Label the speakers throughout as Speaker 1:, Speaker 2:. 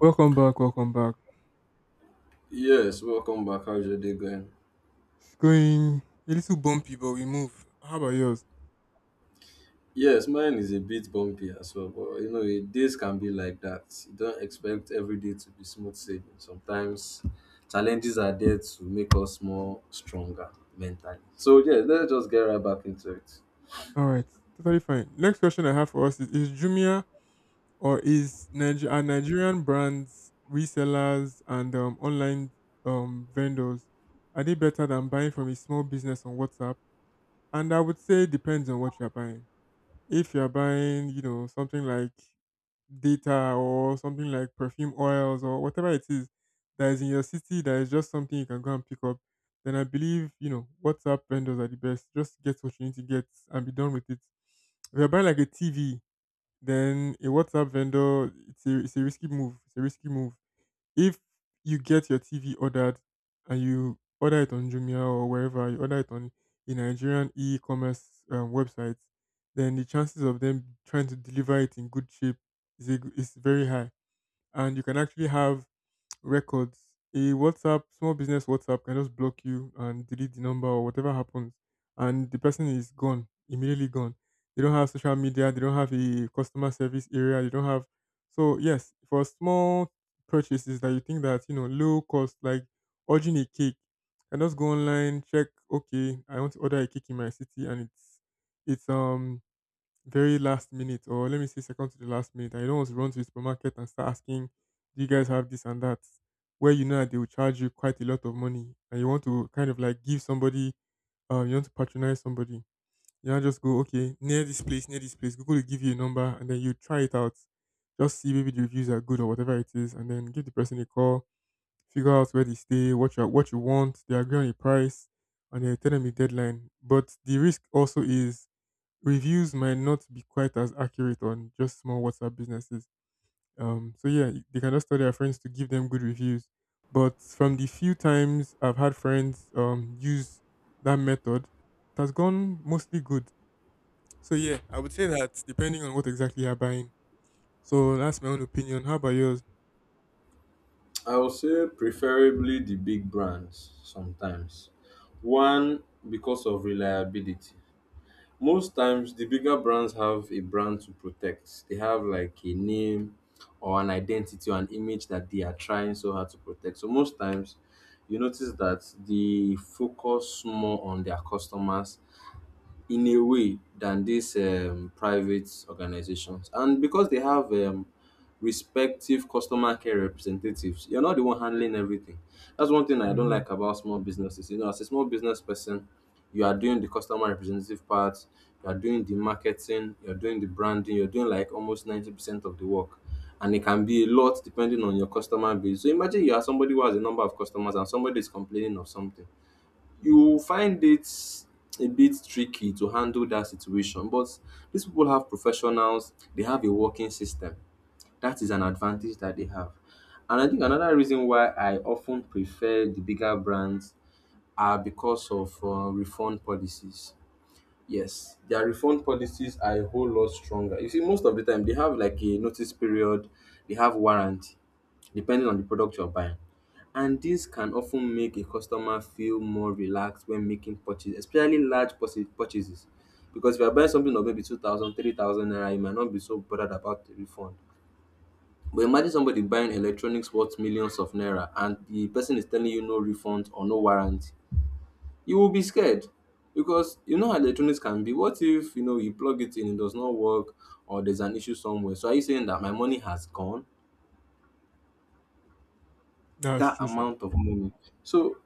Speaker 1: Welcome back, welcome back.
Speaker 2: Yes, welcome back. How's your day going?
Speaker 1: It's going a little bumpy, but we move. How about yours?
Speaker 2: Yes, mine is a bit bumpy as well, but you know, days can be like that. You don't expect every day to be smooth sailing. Sometimes challenges are there to make us more stronger mentally. So, yeah, let's just get right back into it.
Speaker 1: All right, totally fine. Next question I have for us is Jumia or is are Nigerian brands, resellers, and online vendors, are they better than buying from a small business on WhatsApp? And I would say it depends on what you are buying. If you are buying, you know, something like data or something like perfume oils or whatever it is that is in your city, that is just something you can go and pick up, then I believe, you know, WhatsApp vendors are the best. Just get what you need to get and be done with it. If you're buying like a TV, then a WhatsApp vendor, it's a risky move. It's a risky move. If you get your TV ordered and you order it on Jumia or wherever, you order it on a Nigerian e commerce website, then the chances of them trying to deliver it in good shape is very high. And you can actually have records. A WhatsApp, small business WhatsApp can just block you and delete the number or whatever happens. And the person is gone, immediately gone. They don't have social media, they don't have a customer service area, they don't have. So, yes, for small purchases that you think that, you know, low cost, like ordering a cake, can just go online, check, okay, I want to order a cake in my city and it's, um, very last minute, or let me say second to the last minute, and you don't want to run to the supermarket and start asking, do you guys have this and that? Where you know that they will charge you quite a lot of money, and you want to kind of like give somebody, you want to patronize somebody, you know, just go, okay, near this place, Google will give you a number, and then you try it out, just see maybe the reviews are good or whatever it is, and then give the person a call, figure out where they stay, what you want, they agree on a price, and then tell them the deadline. But the risk also is reviews might not be quite as accurate on just small WhatsApp businesses. So yeah, they can just tell their friends to give them good reviews. But from the few times I've had friends use that method, it has gone mostly good. So yeah, I would say that depending on what exactly you're buying. So that's my own opinion. How about yours?
Speaker 2: I would say preferably the big brands sometimes. One, because of reliability. Most times, the bigger brands have a brand to protect. They have like a name or an identity or an image that they are trying so hard to protect. So most times, you notice that they focus more on their customers in a way than these private organizations. And because they have respective customer care representatives. You're not the one handling everything. That's one thing I don't
Speaker 1: hmm
Speaker 2: like about small businesses. You know, as a small business person, you are doing the customer representative part, you are doing the marketing, you're doing the branding, you're doing like almost 90% of the work. And it can be a lot depending on your customer base. So imagine you are somebody who has a number of customers and somebody is complaining of something. You will find it a bit tricky to handle that situation. But these people have professionals, they have a working system that is an advantage that they have. And I think another reason why I often prefer the bigger brands are because of refund policies. Yes, their refund policies are a whole lot stronger. You see, most of the time they have like a notice period, they have warranty, depending on the product you're buying. And this can often make a customer feel more relaxed when making purchases, especially large purchases. Because if you're buying something of maybe 2,000, 3,000, 3,000 naira, you might not be so bothered about the refund. But imagine somebody buying electronics worth millions of naira and the person is telling you no refund or no warranty. You will be scared because you know how electronics can be. What if you know you plug it in, it does not work, or there's an issue somewhere? So are you saying that my money has gone?
Speaker 1: That's
Speaker 2: That
Speaker 1: true, sure.
Speaker 2: amount of money. So,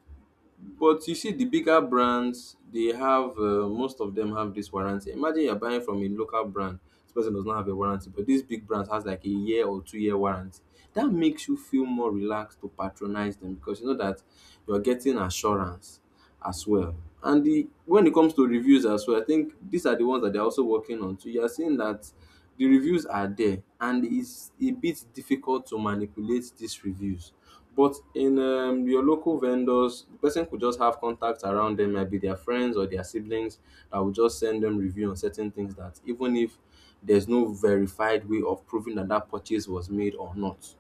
Speaker 2: but you see, the bigger brands, they have most of them have this warranty. Imagine you're buying from a local brand. This person does not have a warranty, but this big brand has like a year or 2 year warranty. That makes you feel more relaxed to patronize them because you know that you are getting assurance as well. And the when it comes to reviews as well, I think these are the ones that they're also working on. So you are seeing that the reviews are there and it's a bit difficult to manipulate these reviews. But in your local vendors, the person could just have contacts around them, maybe their friends or their siblings that will just send them review on certain things that even if there's no verified way of proving that that purchase was made or not,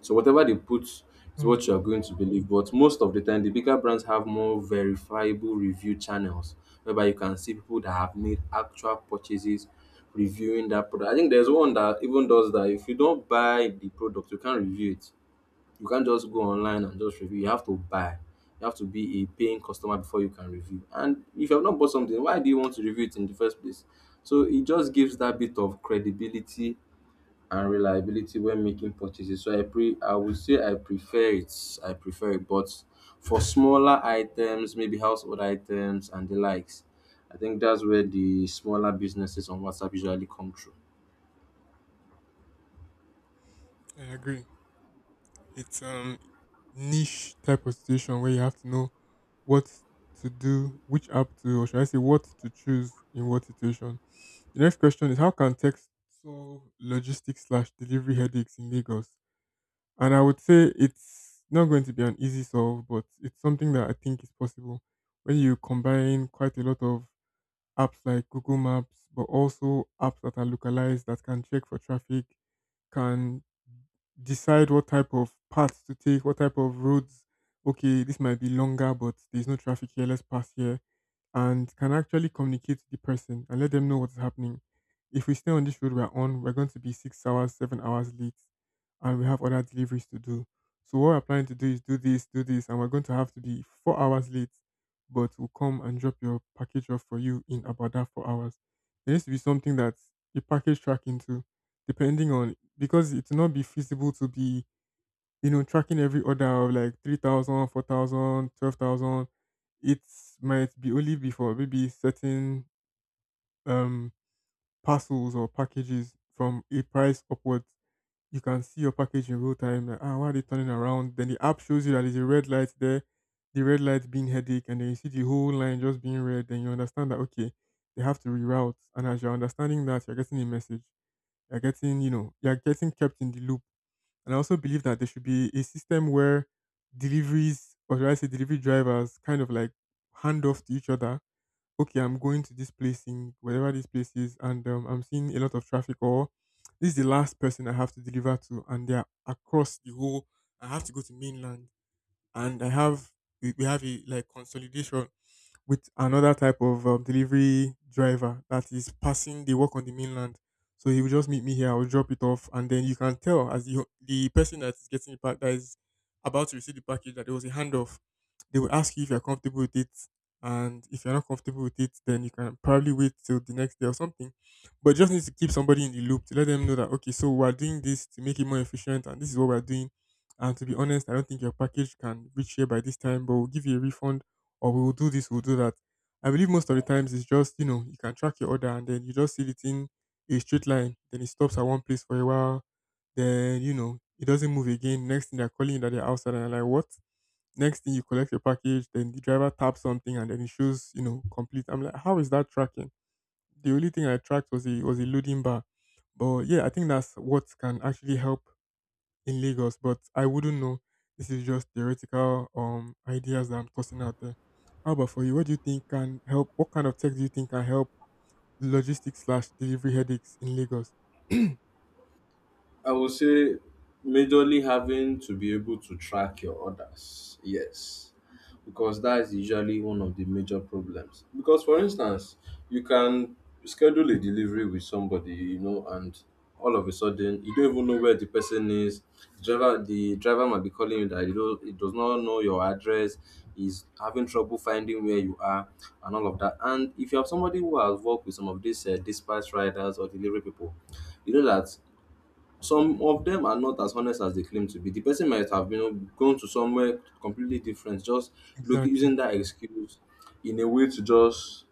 Speaker 2: so whatever they put is what you are
Speaker 1: Mm.
Speaker 2: going to believe. But most of the time, the bigger brands have more verifiable review channels whereby you can see people that have made actual purchases reviewing that product. I think there's one that even does that. If you don't buy the product, you can't review it. You can't just go online and just review. You have to buy. You have to be a paying customer before you can review. And if you have not bought something, why do you want to review it in the first place? So it just gives that bit of credibility and reliability when making purchases. So I would say I prefer it. I prefer it. But for smaller items, maybe household items and the likes, I think that's where the smaller businesses on WhatsApp usually come through.
Speaker 1: I agree. It's niche type of situation where you have to know what to do, which app to, or should I say, what to choose in what situation. The next question is: how can text solve logistics slash delivery headaches in Lagos? And I would say it's not going to be an easy solve, but it's something that I think is possible when you combine quite a lot of apps like Google Maps, but also apps that are localized that can check for traffic, can decide what type of paths to take, what type of roads. Okay, this might be longer, but there's no traffic here. Let's pass here, and can actually communicate to the person and let them know what's happening. If we stay on this road we're on, we're going to be 6 hours, 7 hours late, and we have other deliveries to do. So what we're planning to do is do this, and we're going to have to be 4 hours late, but will come and drop your package off for you in about that 4 hours. There needs to be something that you package track into, depending on, because it will not be feasible to be, you know, tracking every order of like 3,000, 4,000, 12,000. It might be only be for maybe certain um parcels or packages from a price upwards you can see your package in real time. Like, ah, why are they turning around? Then the app shows you that there's a red light there, the red light being headache, and then you see the whole line just being red. Then you understand that okay, they have to reroute. And as you're understanding that, you're getting a message. You're getting, you know, you're getting kept in the loop. And I also believe that there should be a system where deliveries, or should I say delivery drivers, kind of like hand off to each other. Okay, I'm going to this place in whatever this place is, and I'm seeing a lot of traffic, or this is the last person I have to deliver to, and they're across the whole. I have to go to mainland, and we have a like consolidation with another type of delivery driver that is passing the work on the mainland. So he will just meet me here. I will drop it off, and then you can tell as the person that is getting the pack that is about to receive the package that there was a handoff. They will ask you if you're comfortable with it, and if you're not comfortable with it, then you can probably wait till the next day or something. But just need to keep somebody in the loop to let them know that okay, so we're doing this to make it more efficient, and this is what we're doing. And to be honest, I don't think your package can reach here by this time, but we'll give you a refund or we will do this, we'll do that. I believe most of the times it's just, you know, you can track your order and then you just see it in a straight line. Then it stops at one place for a while. Then, you know, it doesn't move again. Next thing they're calling you that they're outside and you're like, what? Next thing you collect your package, then the driver taps something and then it shows, you know, complete. I'm like, how is that tracking? The only thing I tracked was a loading bar. But yeah, I think that's what can actually help in Lagos, but I wouldn't know. This is just theoretical ideas that I'm tossing out there. How about for you? What do you think can help? What kind of tech do you think can help logistics slash delivery headaches in Lagos?
Speaker 2: I would say majorly having to be able to track your orders. Yes. Because that is usually one of the major problems. Because for instance, you can schedule a delivery with somebody, you know, and all of a sudden you don't even know where the person is. The driver might be calling you that you don't it does not know your address, is having trouble finding where you are and all of that. And if you have somebody who has worked with some of these dispatch riders or delivery people, you know that some of them are not as honest as they claim to be. The person might have, you know, gone to somewhere completely different, just look
Speaker 1: Exactly.
Speaker 2: using that excuse in a way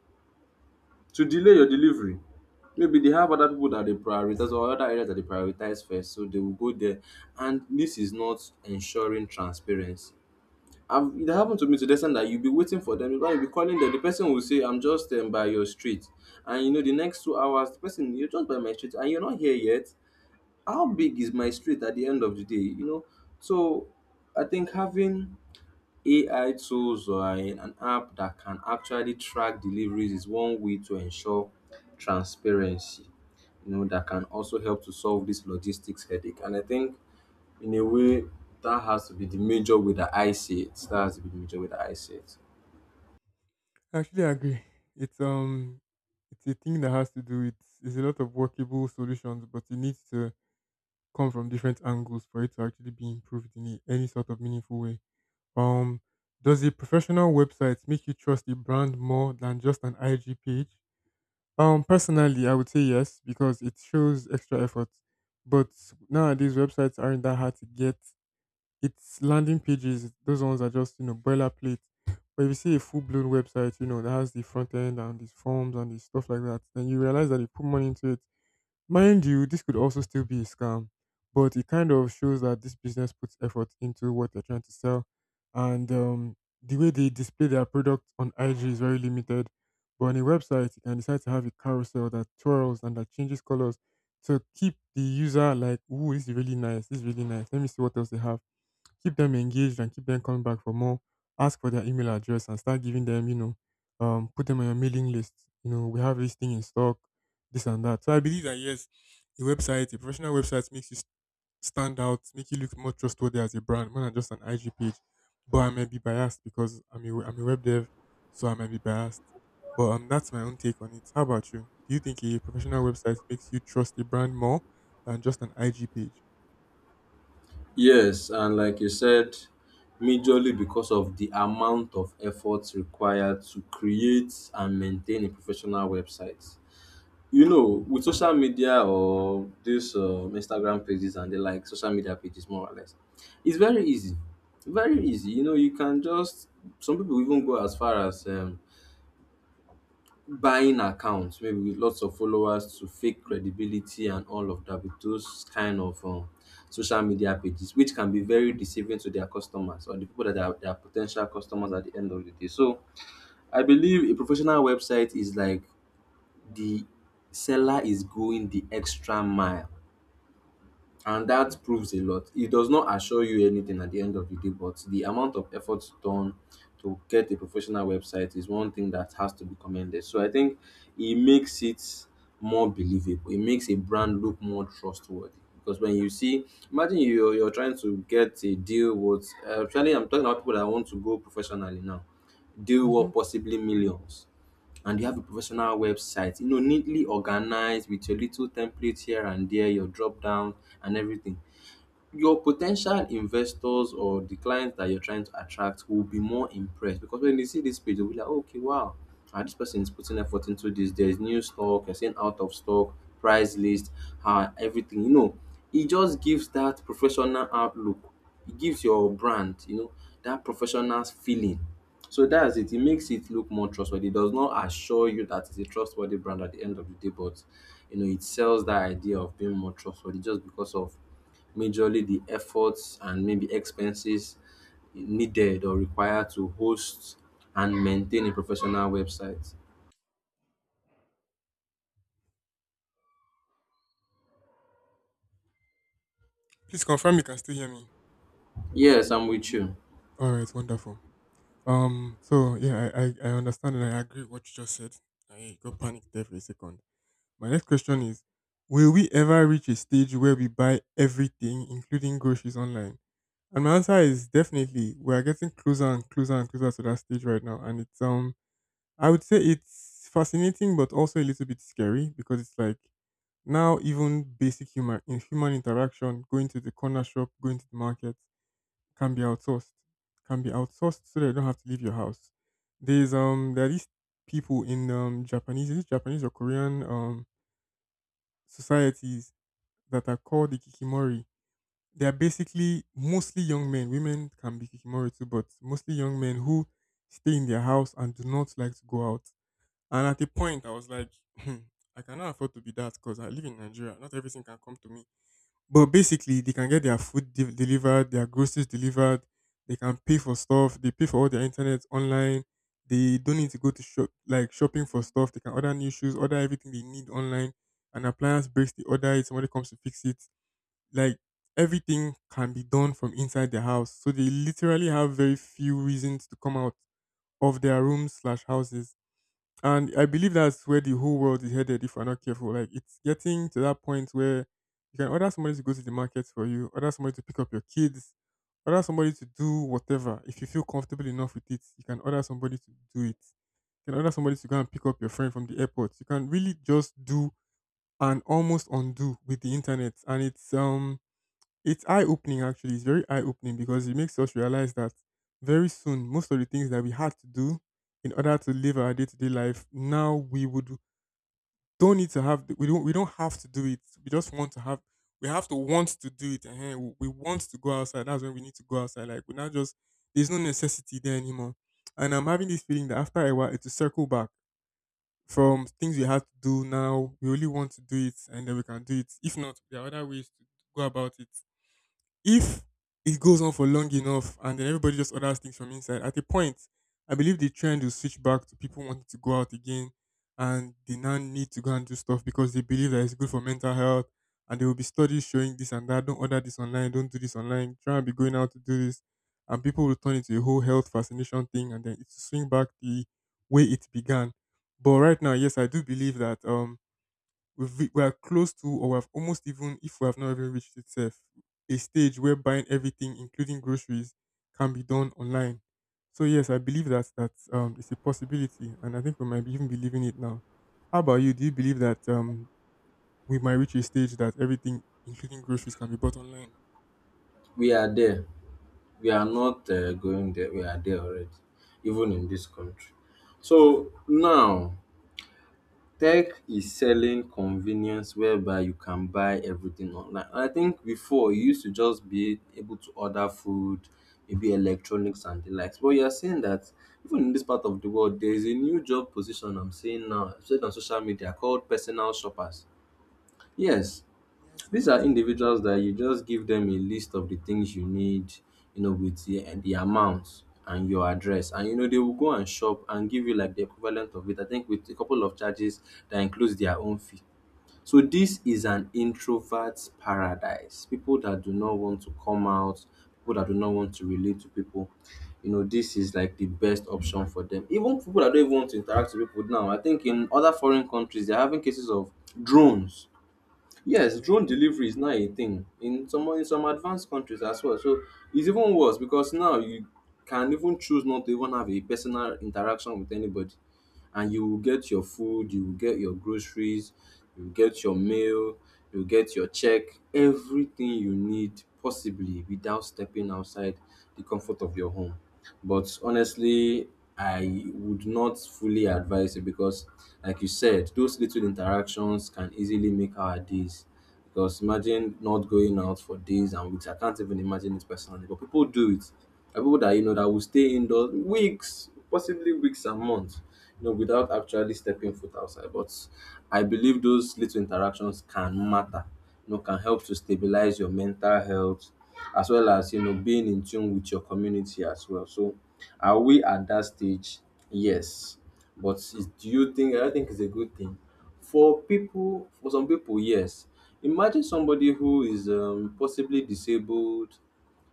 Speaker 2: to delay your delivery. Maybe they have other people that they prioritize or other areas that they prioritize first, so they will go there. And this is not ensuring transparency. I've, it happened to me to the extent that you'll be waiting for them, you'll be calling them. The person will say, "I'm just by your street," and you know the next 2 hours, the person, you're just by my street, and you're not here yet. How big is my street at the end of the day? You know, so I think having AI tools or an app that can actually track deliveries is one way to ensure transparency, you know, that can also help to solve this logistics headache. And I think in a way, that has to be the major way that I see it. That has to be the major way that I see it.
Speaker 1: I actually agree. It's it's a thing that has to do with there's a lot of workable solutions, but it needs to come from different angles for it to actually be improved in any sort of meaningful way. Um does a professional website make you trust a brand more than just an IG page? Personally, I would say yes because it shows extra effort. But nowadays, websites aren't that hard to get. It's landing pages; those ones are just, you know, boilerplate. But if you see a full-blown website, you know, that has the front end and these forms and the stuff like that, then you realize that they put money into it. Mind you, this could also still be a scam, but it kind of shows that this business puts effort into what they're trying to sell. And the way they display their product on IG is very limited. But on a website, you can decide to have a carousel that twirls and that changes colors to keep the user like, ooh, this is really nice. This is really nice. Let me see what else they have, keep them engaged and keep them coming back for more. Ask for their email address and start giving them, you know, put them on your mailing list. You know, we have this thing in stock, this and that. So I believe that yes, a website, a professional website makes you stand out, make you look more trustworthy as a brand more than just an IG page. But I might be biased because I'm a web dev, so I might be biased. But that's my own take on it. How about you? Do you think a professional website makes you trust a brand more than just an IG page?
Speaker 2: Yes, and like you said, majorly because of the amount of effort required to create and maintain a professional website. You know, with social media or this Instagram pages and the like, social media pages more or less, it's very easy, very easy. You know, you can just, some people even go as far as buying accounts maybe with lots of followers to fake credibility and all of that with those kind of social media pages which can be very deceiving to their customers or the people that are their potential customers at the end of the day. So I believe a professional website is like the seller is going the extra mile and that proves a lot. It does not assure you anything at the end of the day, but the amount of effort done to get a professional website is one thing that has to be commended. So I think it makes it more believable. It makes a brand look more trustworthy. Because when you see, imagine you're trying to get a deal with, actually, I'm talking about people that want to go professionally now, deal
Speaker 1: hmm
Speaker 2: worth possibly millions and you have a professional website, you know, neatly organized with your little template here and there, your drop down and everything, your potential investors or the clients that you're trying to attract will be more impressed because when they see this page, they'll be like, "Oh, okay, wow, ah, this person is putting effort into this. There's new stock, you're saying out of stock, price list, ah, everything." You know, it just gives that professional outlook. It gives your brand, you know, that professional feeling. So that's it. It makes it look more trustworthy. It does not assure you that it's a trustworthy brand at the end of the day, but you know, it sells that idea of being more trustworthy just because of majorly the efforts and maybe expenses needed or required to host and maintain a professional website.
Speaker 1: Please confirm you can still hear me.
Speaker 2: Yes, I'm with you.
Speaker 1: All right, wonderful. So yeah, I understand and I agree with what you just said. I got panicked there for a second. My next question is: will we ever reach a stage where we buy everything, including groceries online? And my answer is definitely we are getting closer and closer and closer to that stage right now. And it's I would say it's fascinating but also a little bit scary because it's like now even basic human in human interaction, going to the corner shop, going to the market can be outsourced. Can be outsourced so that you don't have to leave your house. There are these people in Japanese is it Japanese or Korean societies that are called the Kikimori. They are basically mostly young men. Women can be Kikimori too, but mostly young men who stay in their house and do not like to go out. And at a point I was like, I cannot afford to be that because I live in Nigeria. Not everything can come to me. But basically, they can get their delivered, their groceries delivered. They can pay for stuff. They pay for all their internet online. They don't need to go to shop like shopping for stuff. They can order new shoes, order everything they need online. An appliance breaks, they order it. Somebody comes to fix it. Like everything can be done from inside their house. So they literally have very few reasons to come out of their rooms slash houses and I believe that's where the whole world is headed if we're not careful. Like it's getting to that point where you can order somebody to go to the market for you, order somebody to pick up your kids, order somebody to do whatever. If you feel comfortable enough with it, you can order somebody to do it. You can order somebody to go and pick up your friend from the airport. You can really just do and almost undo with the internet. And it's eye opening actually. It's very eye opening because it makes us realize that very soon most of the things that we had to do in order to live our day to day life now we would don't need to have we don't have to do it. We just want to have we have to want to do it. We want to go outside. That's when we need to go outside. Like we now just there's no necessity there anymore. And I'm having this feeling that after a while it's a circle back from things we had to do now. We only want to do it and then we can do it. If not, there are other ways to go about it if it goes on for long enough and then everybody just orders things from inside, at a point, I believe the trend will switch back to people wanting to go out again and they now need to go and do stuff because they believe that it's good for mental health. And there will be studies showing this and that. Don't order this online. Don't do this online. Try and be going out to do this. And people will turn into a whole health fascination thing and then it will swing back the way it began. But right now, yes, I do believe that we are close to, or we have almost even, if we have not even reached itself, a stage where buying everything, including groceries, can be done online. So yes, I believe that it's a possibility, and I think we might be even believing it now. How about you? Do you believe that we might reach a stage that everything, including groceries, can be bought online?
Speaker 2: We are there. We are not going there. We are there already, even in this country. So now, tech is selling convenience whereby you can buy everything online. I think before you used to just be able to order food, maybe electronics and the likes. But you're seeing that even in this part of the world, there is a new job position I'm seeing now, especially on social media, called personal shoppers. Yes,
Speaker 1: Yeah, I saw
Speaker 2: these
Speaker 1: that
Speaker 2: are
Speaker 1: too.
Speaker 2: individuals that you just give them a list of the things you need, you know, with the, and the amount and your address. And you know, they will go and shop and give you like the equivalent of it. I think with a couple of charges that includes their own fee. So this is an introvert's paradise. People that do not want to come out, people that do not want to relate to people. You know, this is like the best option for them. Even people that don't even want to interact with people now. I think in other foreign countries they're having cases of drones. Yes,
Speaker 1: Yeah.
Speaker 2: drone delivery is now a thing in some, in some advanced countries as well. So it's even worse because now you can even choose not to even have a personal interaction with anybody, and you will get your food, you will get your groceries, you will get your mail, you will get your check, everything you need possibly without stepping outside the comfort of your home. But honestly, I would not fully advise it because, like you said, those little interactions can easily make our days. Because imagine not going out for days and weeks. I can't even imagine it personally, but people do it. There are people that you know that will stay indoors weeks, possibly weeks and months, without actually stepping foot outside. But I believe those little interactions can matter, can help to stabilize your mental health as well as, being in tune with your community as well. So, are we at that stage? Yes. But is, do you think, I don't think it's a good thing. For some people, yes. Imagine somebody who is possibly disabled,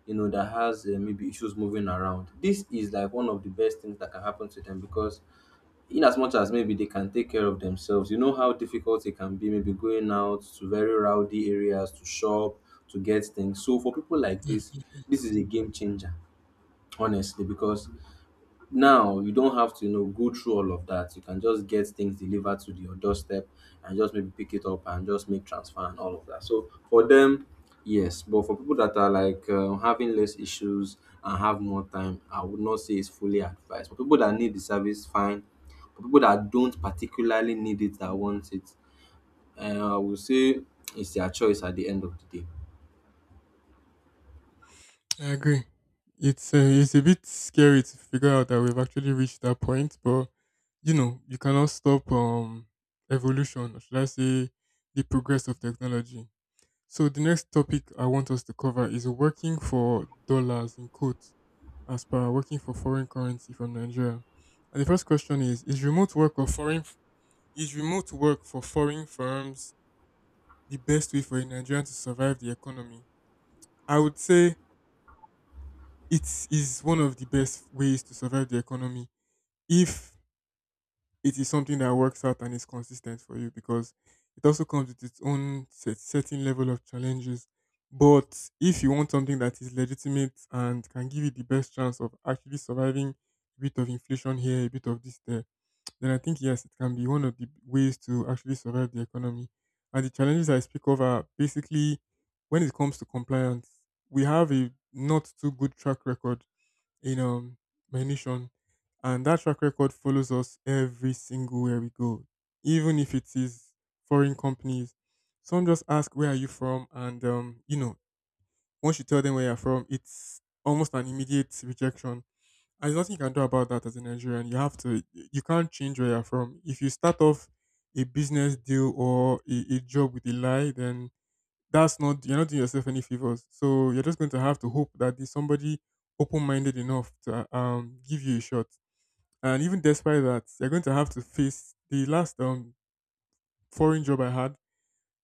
Speaker 2: you know, that has maybe issues moving around. This is like one of the best things that can happen to them because in as much as maybe they can take care of themselves, you know how difficult it can be, maybe going out to very rowdy areas to shop, to get things. So for people like this is a game changer, honestly, because now, you don't have to, you know, go through all of that. You can just get things delivered to your doorstep and just maybe pick it up and just make transfer and all of that. So for them, yes, but for people that are like having less issues and have more time, I would not say it's fully advised. For people that need the service, fine. For people that don't particularly need it, that want it, I would say it's their choice at the end of the day.
Speaker 1: I agree. It's a bit scary to figure out that we've actually reached that point, but you know you cannot stop evolution, or should I say, the progress of technology. So the next topic I want us to cover is working for dollars in quotes, as per working for foreign currency from Nigeria. And the first question is remote work or foreign is remote work for foreign firms the best way for a Nigerian to survive the economy? I would say it is one of the best ways to survive the economy if it is something that works out and is consistent for you because it also comes with its own set, certain level of challenges. But if you want something that is legitimate and can give you the best chance of actually surviving a bit of inflation here, a bit of this there, then I think yes, it can be one of the ways to actually survive the economy. And the challenges I speak of are basically when it comes to compliance, we have a not too good track record in my nation, and that track record follows us every single where we go, even if it is foreign companies. Some just ask where are you from, and you know once you tell them where you're from, it's almost an immediate rejection. And there's nothing you can do about that as a Nigerian. You have to, you can't change where you're from. If you start off a business deal or a job with a lie, then that's not you're not doing yourself any favors. So you're just going to have to hope that there's somebody open minded enough to give you a shot. And even despite that, you're going to have to face the last foreign job I had.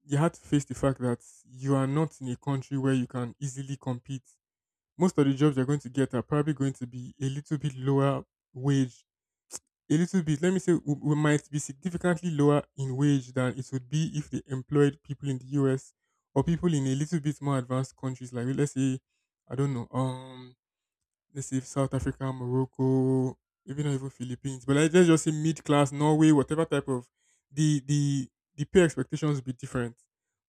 Speaker 1: You had to face the fact that you are not in a country where you can easily compete. Most of the jobs you're going to get are probably going to be a little bit lower wage a little bit. Let me say we might be significantly lower in wage than it would be if they employed people in the US or people in a little bit more advanced countries like let's say I don't know, let's say South Africa, Morocco, maybe not even Philippines, but like, let's just say mid class, Norway, whatever type of the the the pay expectations will be different.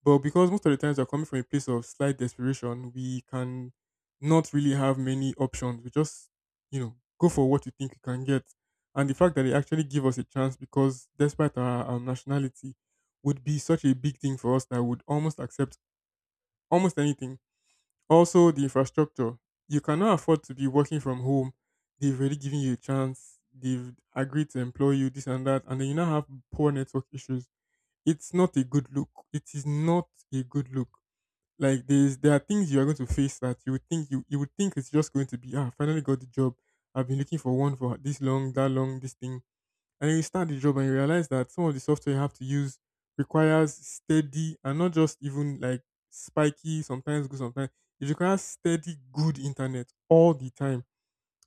Speaker 1: But because most of the times we're coming from a place of slight desperation, we can not really have many options. We just, you know, go for what you think you can get. And the fact that they actually give us a chance because despite our nationality would be such a big thing for us that would almost accept almost anything also, the infrastructure. You cannot afford to be working from home. They've already given you a chance. They've agreed to employ you, this and that, and then you now have poor network issues. It's not a good look. It is not a good look. Like there are things you are going to face that you would think you would think it's just going to be ah, I finally got the job. I've been looking for one for this long, that long, this thing. And then you start the job and you realize that some of the software you have to use requires steady and not just even like spiky, sometimes good, sometimes it requires steady, good internet all the time.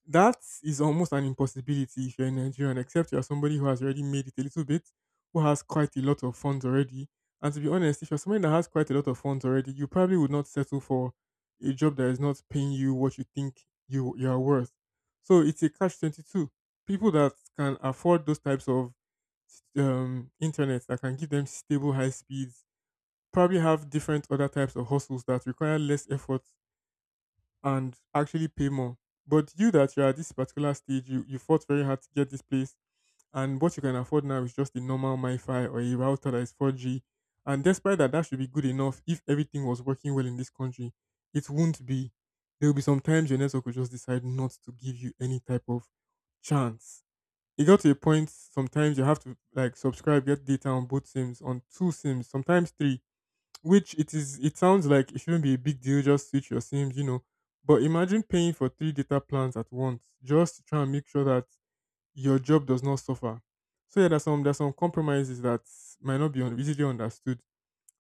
Speaker 1: That is almost an impossibility if you're a Nigerian, except you're somebody who has already made it a little bit, who has quite a lot of funds already. And to be honest, if you're somebody that has quite a lot of funds already, you probably would not settle for a job that is not paying you what you think you are worth. So it's a catch 22. People that can afford those types of internet that can give them stable high speeds probably have different other types of hustles that require less effort and actually pay more. But you that you're at this particular stage, you fought very hard to get this place, and what you can afford now is just a normal MiFi or a router that is 4G. And despite that, that should be good enough if everything was working well in this country. It won't be. There will be some times your network will just decide not to give you any type of chance. It got to a point sometimes you have to like subscribe, get data on both sims, on two sims, sometimes three which it is it sounds like it shouldn't be a big deal, just switch your SIMs, you know. But imagine paying for three data plans at once just to try and make sure that your job does not suffer. So yeah, there's some compromises that might not be easily understood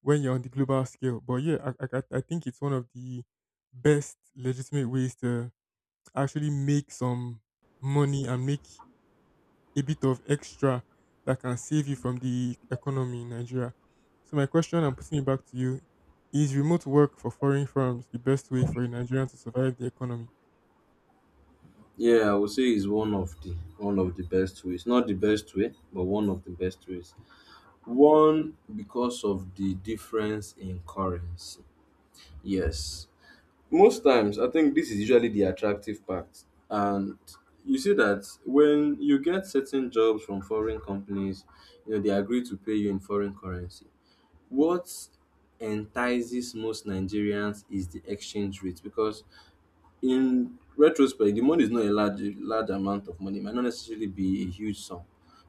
Speaker 1: when you're on the global scale. But yeah, I think it's one of the best legitimate ways to actually make some money and make a bit of extra that can save you from the economy in Nigeria. So my question I'm putting it back to you is remote work for foreign firms the best way for a Nigerian to survive the economy?
Speaker 2: Yeah, I would say it's one of the best ways. Not the best way, but one of the best ways. One, because of the difference in currency. Yes. Most times, I think this is usually the attractive part. And you see that when you get certain jobs from foreign companies, you know, they agree to pay you in foreign currency. What entices most Nigerians is the exchange rate because in retrospect, the money is not a large large amount of money. It might not necessarily be a huge sum,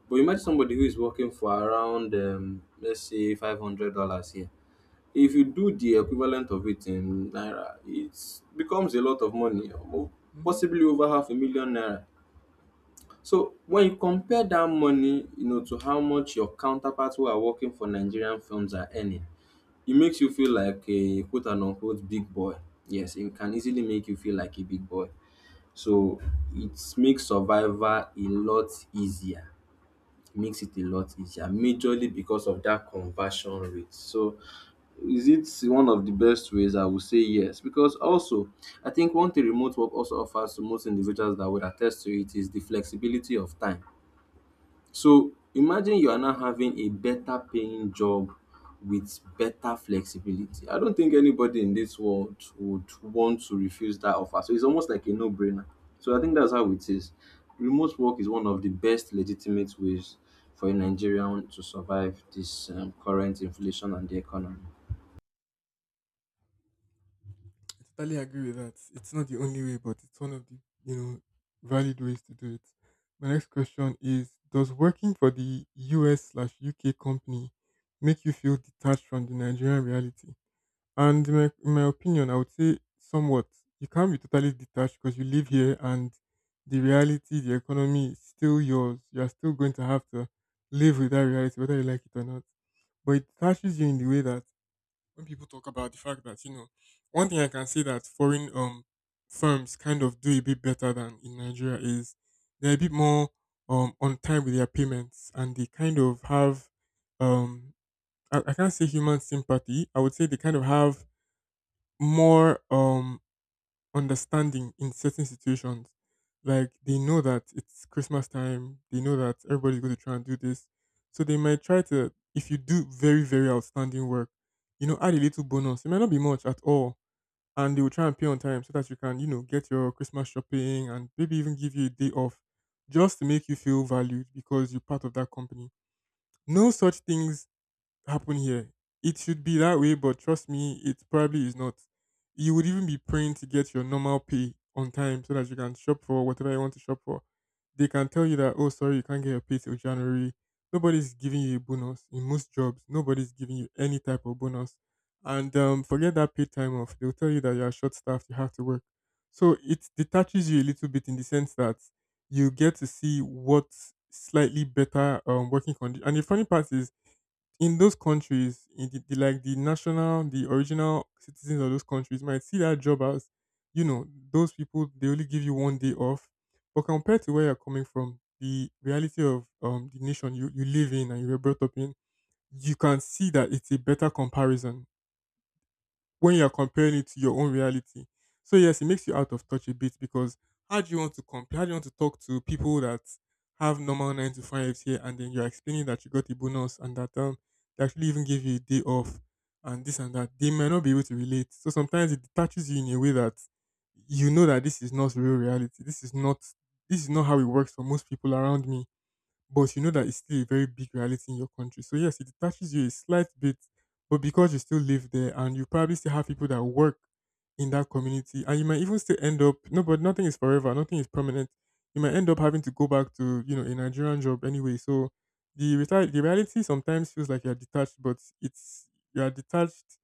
Speaker 2: but imagine somebody who is working for around let's say $500 here. If you do the equivalent of it in naira, it becomes a lot of money
Speaker 1: Hmm.
Speaker 2: possibly over half a million naira. So when you compare that money, you know, to how much your counterparts who are working for Nigerian firms are earning, it makes you feel like a quote and unquote big boy. Yes, it can easily make you feel like a big boy. So it makes survival a lot easier. It makes it a lot easier majorly because of that conversion rate. So is it one of the best ways? I would say yes, because also I think one thing remote work also offers to most individuals that would attest to it is the flexibility of time. So imagine you are now having a better paying job with better flexibility. I don't think anybody in this world would want to refuse that offer. So it's almost like a no brainer. So I think that's how it is. Remote work is one of the best legitimate ways for a Nigerian to survive this current inflation and the economy.
Speaker 1: I totally agree with that. It's not the only way, but it's one of the you know valid ways to do it. My next question is: does working for the US/UK company make you feel detached from the Nigerian reality? And in my opinion, I would say somewhat. You can't be totally detached because you live here, and the reality, the economy is still yours. You're still going to have to live with that reality, whether you like it or not. But it touches you in the way that when people talk about the fact that, you know, one thing I can say that foreign firms kind of do a bit better than in Nigeria is they're a bit more on time with their payments, and they kind of have um I can't say human sympathy. I would say they kind of have more understanding in certain situations. Like they know that it's Christmas time, they know that everybody's going to try and do this, so they might try to. If you do very very outstanding work, you know, add a little bonus. It might not be much at all, and they will try and pay on time so that you can get your Christmas shopping and maybe even give you a day off, just to make you feel valued because you're part of that company. No such things happen here. It should be that way, but trust me, it probably is not. You would even be praying to get your normal pay on time so that you can shop for whatever you want to shop for. They can tell you that, oh, sorry, you can't get your pay till January. Nobody's giving you a bonus. In most jobs, nobody's giving you any type of bonus. And forget that paid time off. They'll tell you that you're short staffed, you have to work. So it detaches you a little bit in the sense that you get to see what slightly better working conditions. And the funny part is, in those countries, in the like the national, the original citizens of those countries might see that job as, you know, those people they only give you one day off. But compared to where you're coming from, the reality of the nation you live in and you were brought up in, you can see that it's a better comparison when you're comparing it to your own reality. So yes, it makes you out of touch a bit. Because how do you want to compare? How do you want to talk to people that have normal nine to fives here, and then you're explaining that you got a bonus, and that they actually even gave you a day off and this and that. They may not be able to relate. So sometimes it detaches you in a way that you know that this is not real reality. This is not how it works for most people around me, but you know that it's still a very big reality in your country. So yes, it detaches you a slight bit, but because you still live there and you probably still have people that work in that community, and you might even still end up. No, but nothing is forever, nothing is permanent. You might end up having to go back to a Nigerian job anyway. So the reality sometimes feels like you're detached, but it's you are detached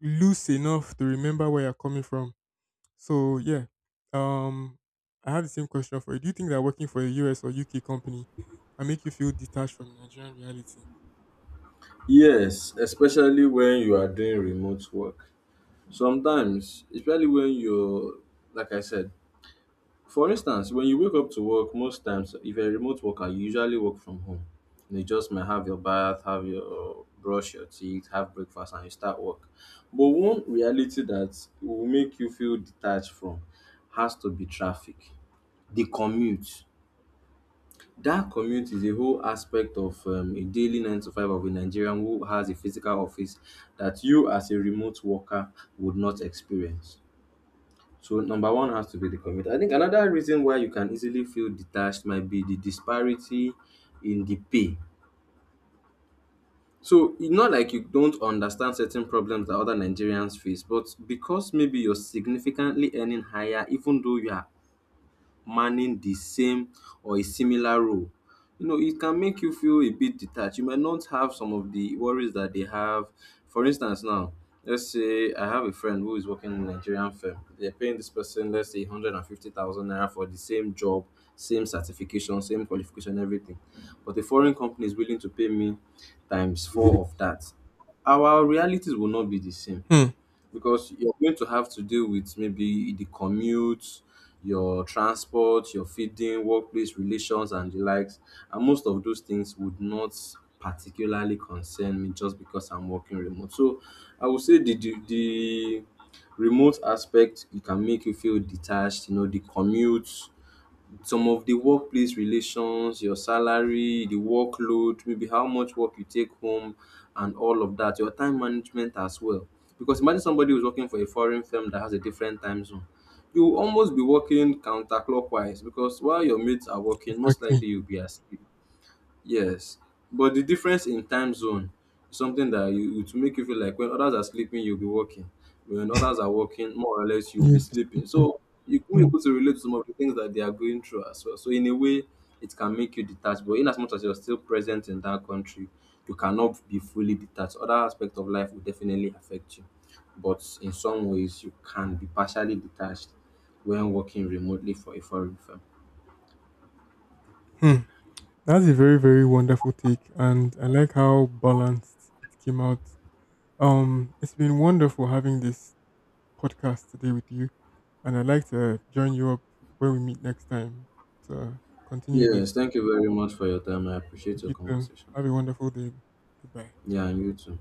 Speaker 1: loose enough to remember where you're coming from. So yeah, um, I have the same question for you. Do you think that working for a US or UK company can make you feel detached from Nigerian reality?
Speaker 2: Yes, especially when you are doing remote work. Sometimes, especially like I said, for instance, when you wake up to work, most times, if you're a remote worker, you usually work from home. You just might have your bath, have your brush your teeth, have breakfast, and you start work. But one reality that will make you feel detached from has to be traffic, the commute. That commute is a whole aspect of a daily nine to five of a Nigerian who has a physical office that you, as a remote worker, would not experience. So number one has to be the community. I think another reason why you can easily feel detached might be the disparity in the pay. So it's not like you don't understand certain problems that other Nigerians face, but because maybe you're significantly earning higher, even though you are manning the same or a similar role. You know, it can make you feel a bit detached. You might not have some of the worries that they have. For instance, now, let's say I have a friend who is working in a Nigerian firm. They're paying this person, let's say, 150,000 naira for the same job, same certification, same qualification, everything. But a foreign company is willing to pay me times four of that. Our realities will not be the same
Speaker 1: Hmm.
Speaker 2: because you're going to have to deal with maybe the commute, your transport, your feeding, workplace relations, and the likes. And most of those things would not particularly concern me just because I'm working remote. So I would say the remote aspect, it can make you feel detached. You know, the commute, some of the workplace relations, your salary, the workload, maybe how much work you take home, and all of that, your time management as well. Because imagine somebody who's working for a foreign firm that has a different time zone. You will almost be working counterclockwise because while your mates are working, most
Speaker 1: Exactly.
Speaker 2: likely you'll be asleep. Yes, but the difference in time zone is something that you, it will make you feel like when others are sleeping, you'll be working. When others are working, more or less, you'll be
Speaker 1: You just keep
Speaker 2: sleeping.
Speaker 1: on-
Speaker 2: So you will be
Speaker 1: Hmm.
Speaker 2: able to relate to some of the things that they are going through as well. So in a way, it can make you detached. But in as much as you're still present in that country, you cannot be fully detached. Other aspects of life will definitely affect you. But in some ways, you can be partially detached when working remotely for a foreign firm.
Speaker 1: Hmm. That's a very very wonderful take, and I like how balanced it came out. It's been wonderful having this podcast today with you, and I'd like to join you up when we meet next time to continue this.
Speaker 2: Yes, thank you very much for your time. I appreciate
Speaker 1: Thank
Speaker 2: your
Speaker 1: you. Too.
Speaker 2: conversation.
Speaker 1: Have a wonderful day. Goodbye.
Speaker 2: Yeah, and you too.